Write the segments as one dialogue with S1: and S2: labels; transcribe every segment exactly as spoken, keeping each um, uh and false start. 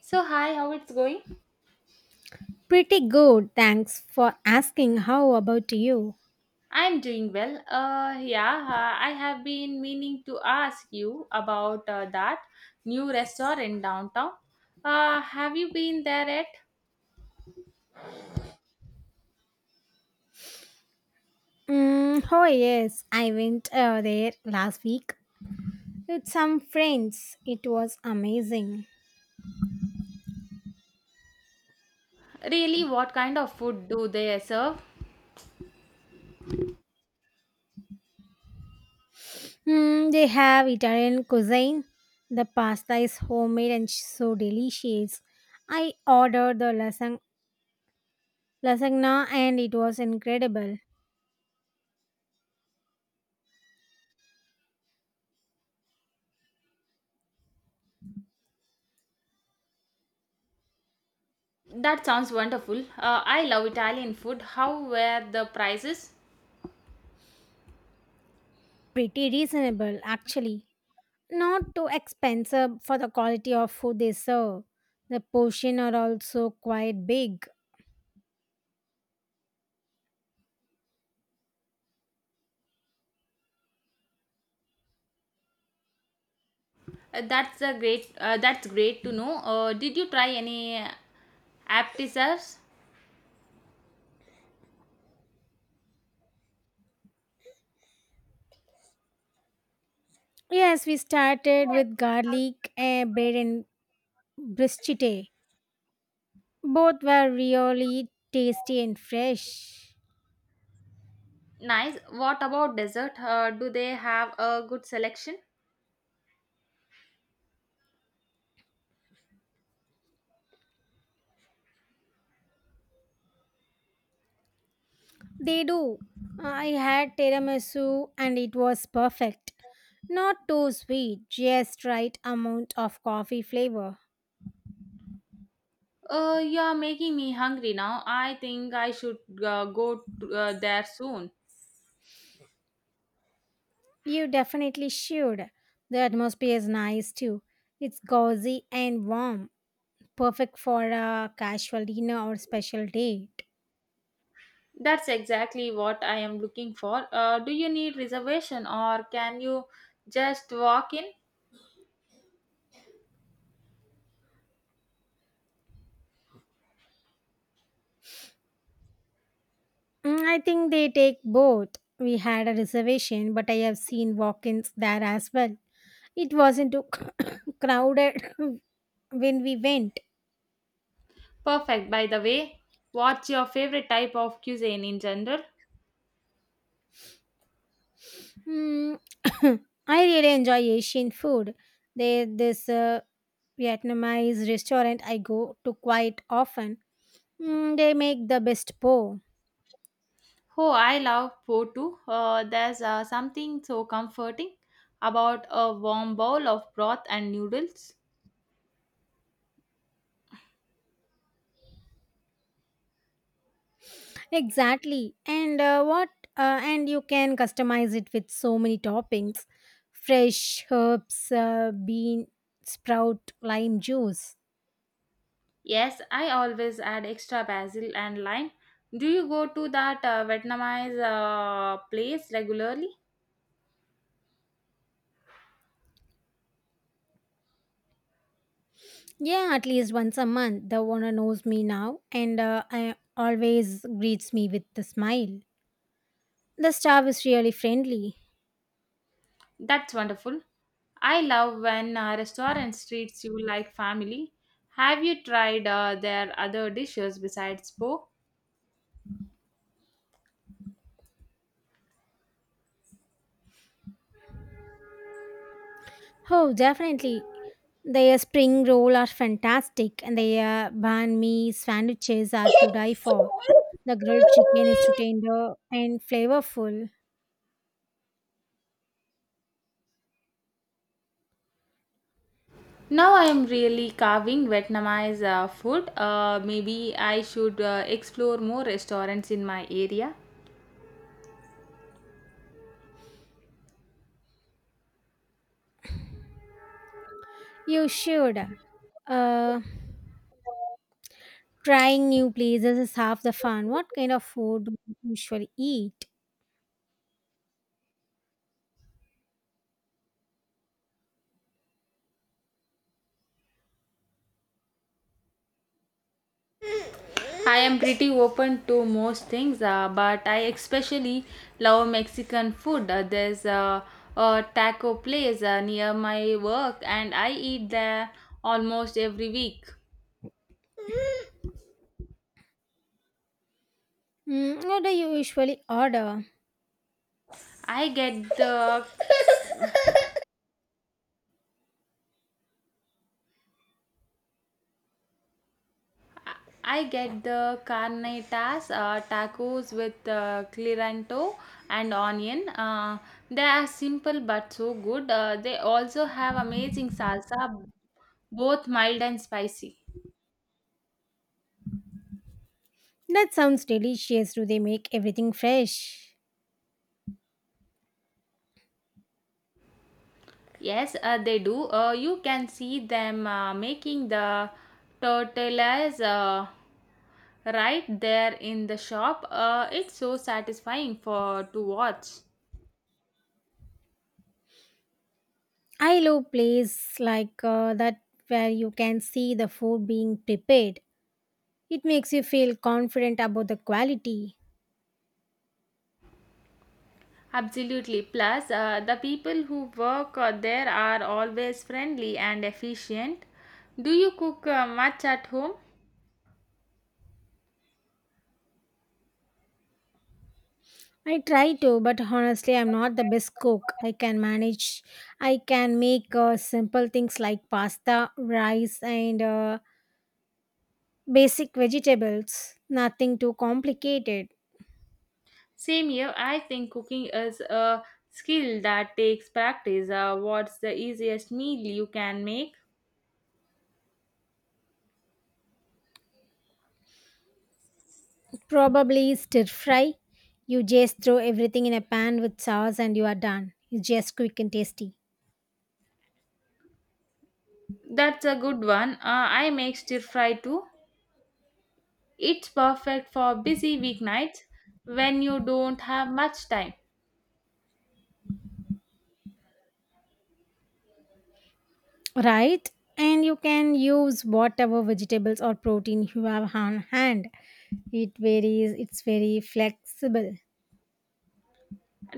S1: So, hi, how it's going?
S2: Pretty good, thanks for asking. How about you?
S1: I'm doing well. Uh, yeah, uh, I have been meaning to ask you about uh, that new restaurant downtown. Uh, have you been there yet?
S2: Mm, oh, yes, I went uh, there last week with some friends. It was amazing.
S1: Really, what kind of food do they serve?
S2: Mm, they have Italian cuisine. The pasta is homemade and so delicious. I ordered the lasagna, lasagna and it was incredible.
S1: That sounds wonderful. Uh, I love Italian food. How were the prices?
S2: Pretty reasonable, actually. Not too expensive for the quality of food they serve. The portion are also quite big.
S1: Uh, that's a great. Uh, that's great to know. Uh, did you try any appetizers?
S2: Yes, we started with garlic eh, bread and bruschetta. Both were really tasty and fresh.
S1: Nice. What about dessert? Uh, do they have a good selection?
S2: They do. I had tiramisu and it was perfect. Not too sweet, just right amount of coffee flavor.
S1: Uh, you're making me hungry now. I think I should uh, go to, uh, there soon.
S2: You definitely should. The atmosphere is nice too. It's cozy and warm, perfect for a casual dinner or special date.
S1: That's exactly what I am looking for. Uh, do you need reservation or can you just walk in?
S2: Mm, I think they take both. We had a reservation, but I have seen walk ins there as well. It wasn't too crowded when we went.
S1: Perfect. By the way, what's your favorite type of cuisine in general?
S2: Mm, I really enjoy Asian food. There, this uh, Vietnamese restaurant I go to quite often. Mm, they make the best po.
S1: Oh, I love pho too. Uh, there's uh, something so comforting about a warm bowl of broth and noodles.
S2: Exactly. And uh, what uh, and you can customize it with so many toppings. Fresh herbs, uh, bean sprout, lime juice.
S1: Yes, I always add extra basil and lime. Do you go to that uh, Vietnamese uh, place regularly?
S2: Yeah, at least once a month. The owner knows me now and uh, I always greets me with a smile. The staff is really friendly.
S1: That's wonderful. I love when uh, restaurants treats you like family. Have you tried uh, their other dishes besides po?
S2: Oh, definitely. Their spring roll are fantastic and their banh mi sandwiches are to die for. The grilled chicken is tender and flavorful.
S1: Now I am really carving Vietnamese uh, food. Uh, maybe I should uh, explore more restaurants in my area.
S2: You should. Uh, Trying new places is half the fun. What kind of food do you usually eat?
S1: I am pretty open to most things, uh, but I especially love Mexican food. Uh, there's a, a taco place uh, near my work, and I eat there almost every week.
S2: Mm, what do you usually order?
S1: I get the I get the carnitas uh, tacos with uh, cliranto and onion. Uh, they are simple but so good. Uh, they also have amazing salsa, both mild and spicy.
S2: That sounds delicious. Do they make everything fresh?
S1: Yes, uh, they do. Uh, you can see them uh, making the tortillas uh, right there in the shop. Uh, it's so satisfying for to watch.
S2: I love places like uh, that where you can see the food being prepared. It makes you feel confident about the quality.
S1: Absolutely. Plus, uh, the people who work uh, there are always friendly and efficient. Do you cook uh, much at home?
S2: I try to, but honestly, I'm not the best cook. I can manage. I can make uh, simple things like pasta, rice, and uh, Basic vegetables, nothing too complicated.
S1: Same here. I think cooking is a skill that takes practice. Uh, what's the easiest meal you can make?
S2: Probably stir fry. You just throw everything in a pan with sauce and you are done. It's just quick and tasty.
S1: That's a good one. Uh, I make stir fry too. It's perfect for busy weeknights when you don't have much time.
S2: Right? And you can use whatever vegetables or protein you have on hand. It varies, it's very flexible.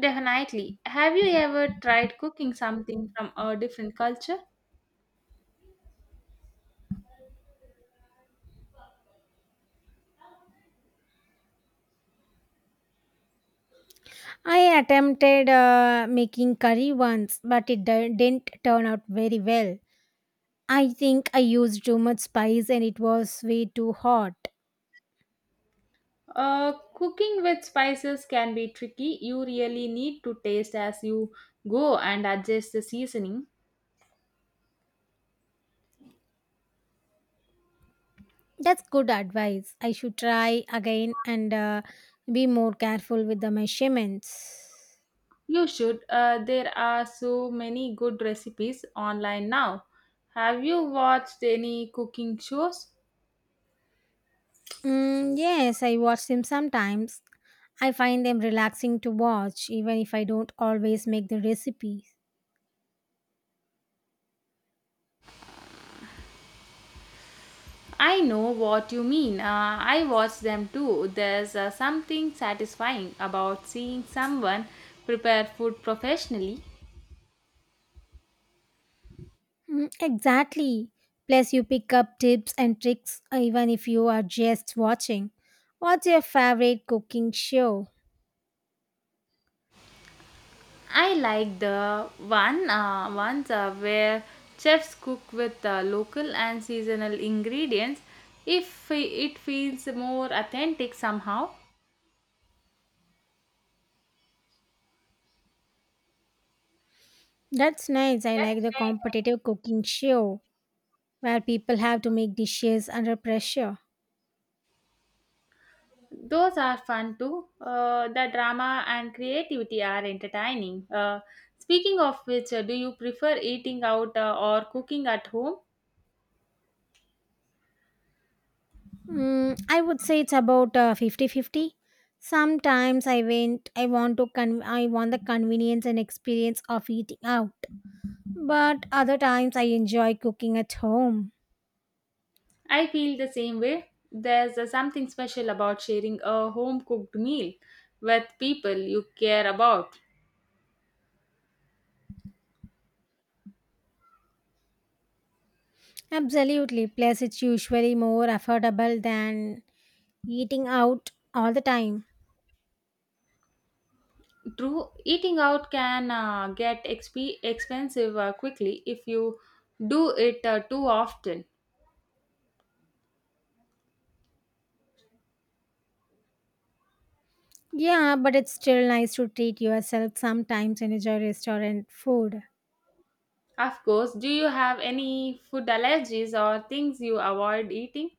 S1: Definitely. Have you ever tried cooking something from a different culture?
S2: I attempted uh, making curry once, but it di- didn't turn out very well. I think I used too much spice and it was way too hot.
S1: Uh, cooking with spices can be tricky. You really need to taste as you go and adjust the seasoning.
S2: That's good advice. I should try again and uh, be more careful with the measurements.
S1: You should. Uh, there are so many good recipes online now. Have you watched any cooking shows?
S2: Mm, yes, I watch them sometimes. I find them relaxing to watch, even if I don't always make the recipes.
S1: I know what you mean. Uh, I watch them too. There's uh, something satisfying about seeing someone prepare food professionally.
S2: Mm, exactly. Plus, you pick up tips and tricks uh, even if you are just watching. What's your favorite cooking show?
S1: I like the one uh, ones uh, where chefs cook with uh, local and seasonal ingredients. If it feels more authentic somehow.
S2: That's nice. I like
S1: That's
S2: the
S1: nice.
S2: competitive cooking show where people have to make dishes under pressure.
S1: Those are fun too. Uh, the drama and creativity are entertaining. Uh, speaking of which, uh, do you prefer eating out uh, or cooking at home?
S2: Mm, I would say it's about uh, fifty fifty. Sometimes I went I want to con- I want the convenience and experience of eating out. But other times I enjoy cooking at home.
S1: I feel the same way. There's uh, something special about sharing a home cooked meal with people you care about.
S2: Absolutely. Plus it's usually more affordable than eating out all the time.
S1: True, eating out can uh, get exp- expensive uh, quickly if you do it uh, too often.
S2: Yeah, but it's still nice to treat yourself sometimes and enjoy restaurant food.
S1: Of course, do you have any food allergies or things you avoid eating?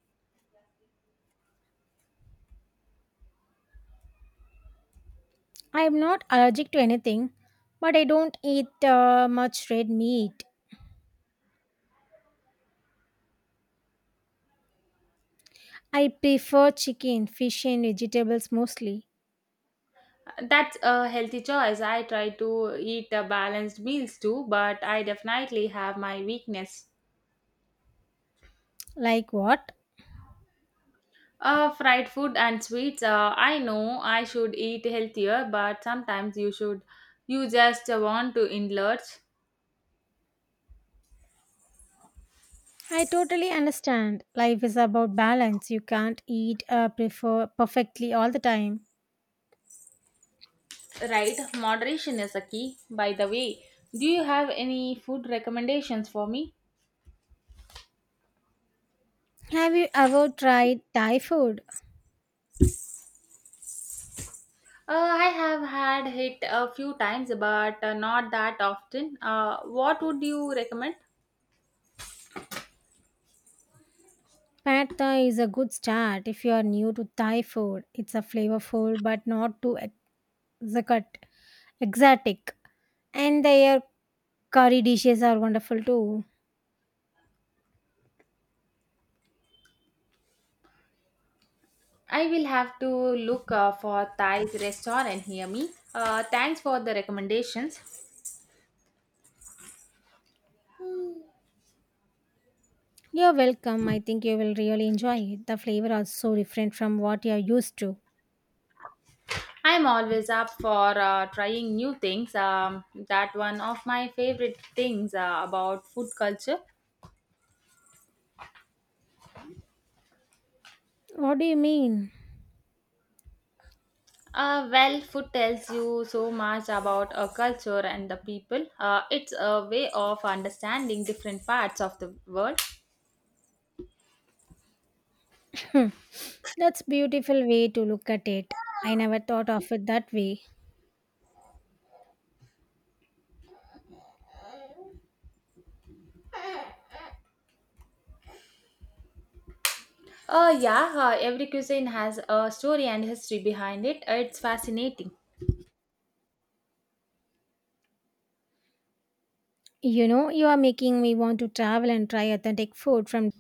S2: I'm not allergic to anything, but I don't eat uh, much red meat. I prefer chicken, fish, and vegetables mostly.
S1: That's a healthy choice. I try to eat uh, balanced meals too, but I definitely have my weakness.
S2: Like what?
S1: Uh, fried food and sweets. Uh, I know I should eat healthier, but sometimes you should. You just want to indulge.
S2: I totally understand. Life is about balance. You can't eat uh, prefer perfectly all the time.
S1: Right, moderation is a key. By the way, do you have any food recommendations for me?
S2: Have you ever tried Thai food?
S1: Uh, I have had it a few times, but uh, not that often. Uh, what would you recommend?
S2: Pad Thai is a good start if you are new to Thai food. It's a flavorful but not too exotic, exotic. And their curry dishes are wonderful too.
S1: I will have to look uh, for Thai restaurant. Hear me. Uh, thanks for the recommendations.
S2: You're welcome. I think you will really enjoy it. The flavor are so different from what you are used to.
S1: I'm always up for uh, trying new things. Um, that one of my favorite things uh, about food culture.
S2: What do you mean?
S1: Uh, well, food tells you so much about a culture and the people. Uh, it's a way of understanding different parts of the world.
S2: Hmm, That's beautiful way to look at it. I never thought of it that way.
S1: Uh, yeah, uh, every cuisine has a story and history behind it. It's fascinating.
S2: You know, you are making me want to travel and try authentic food from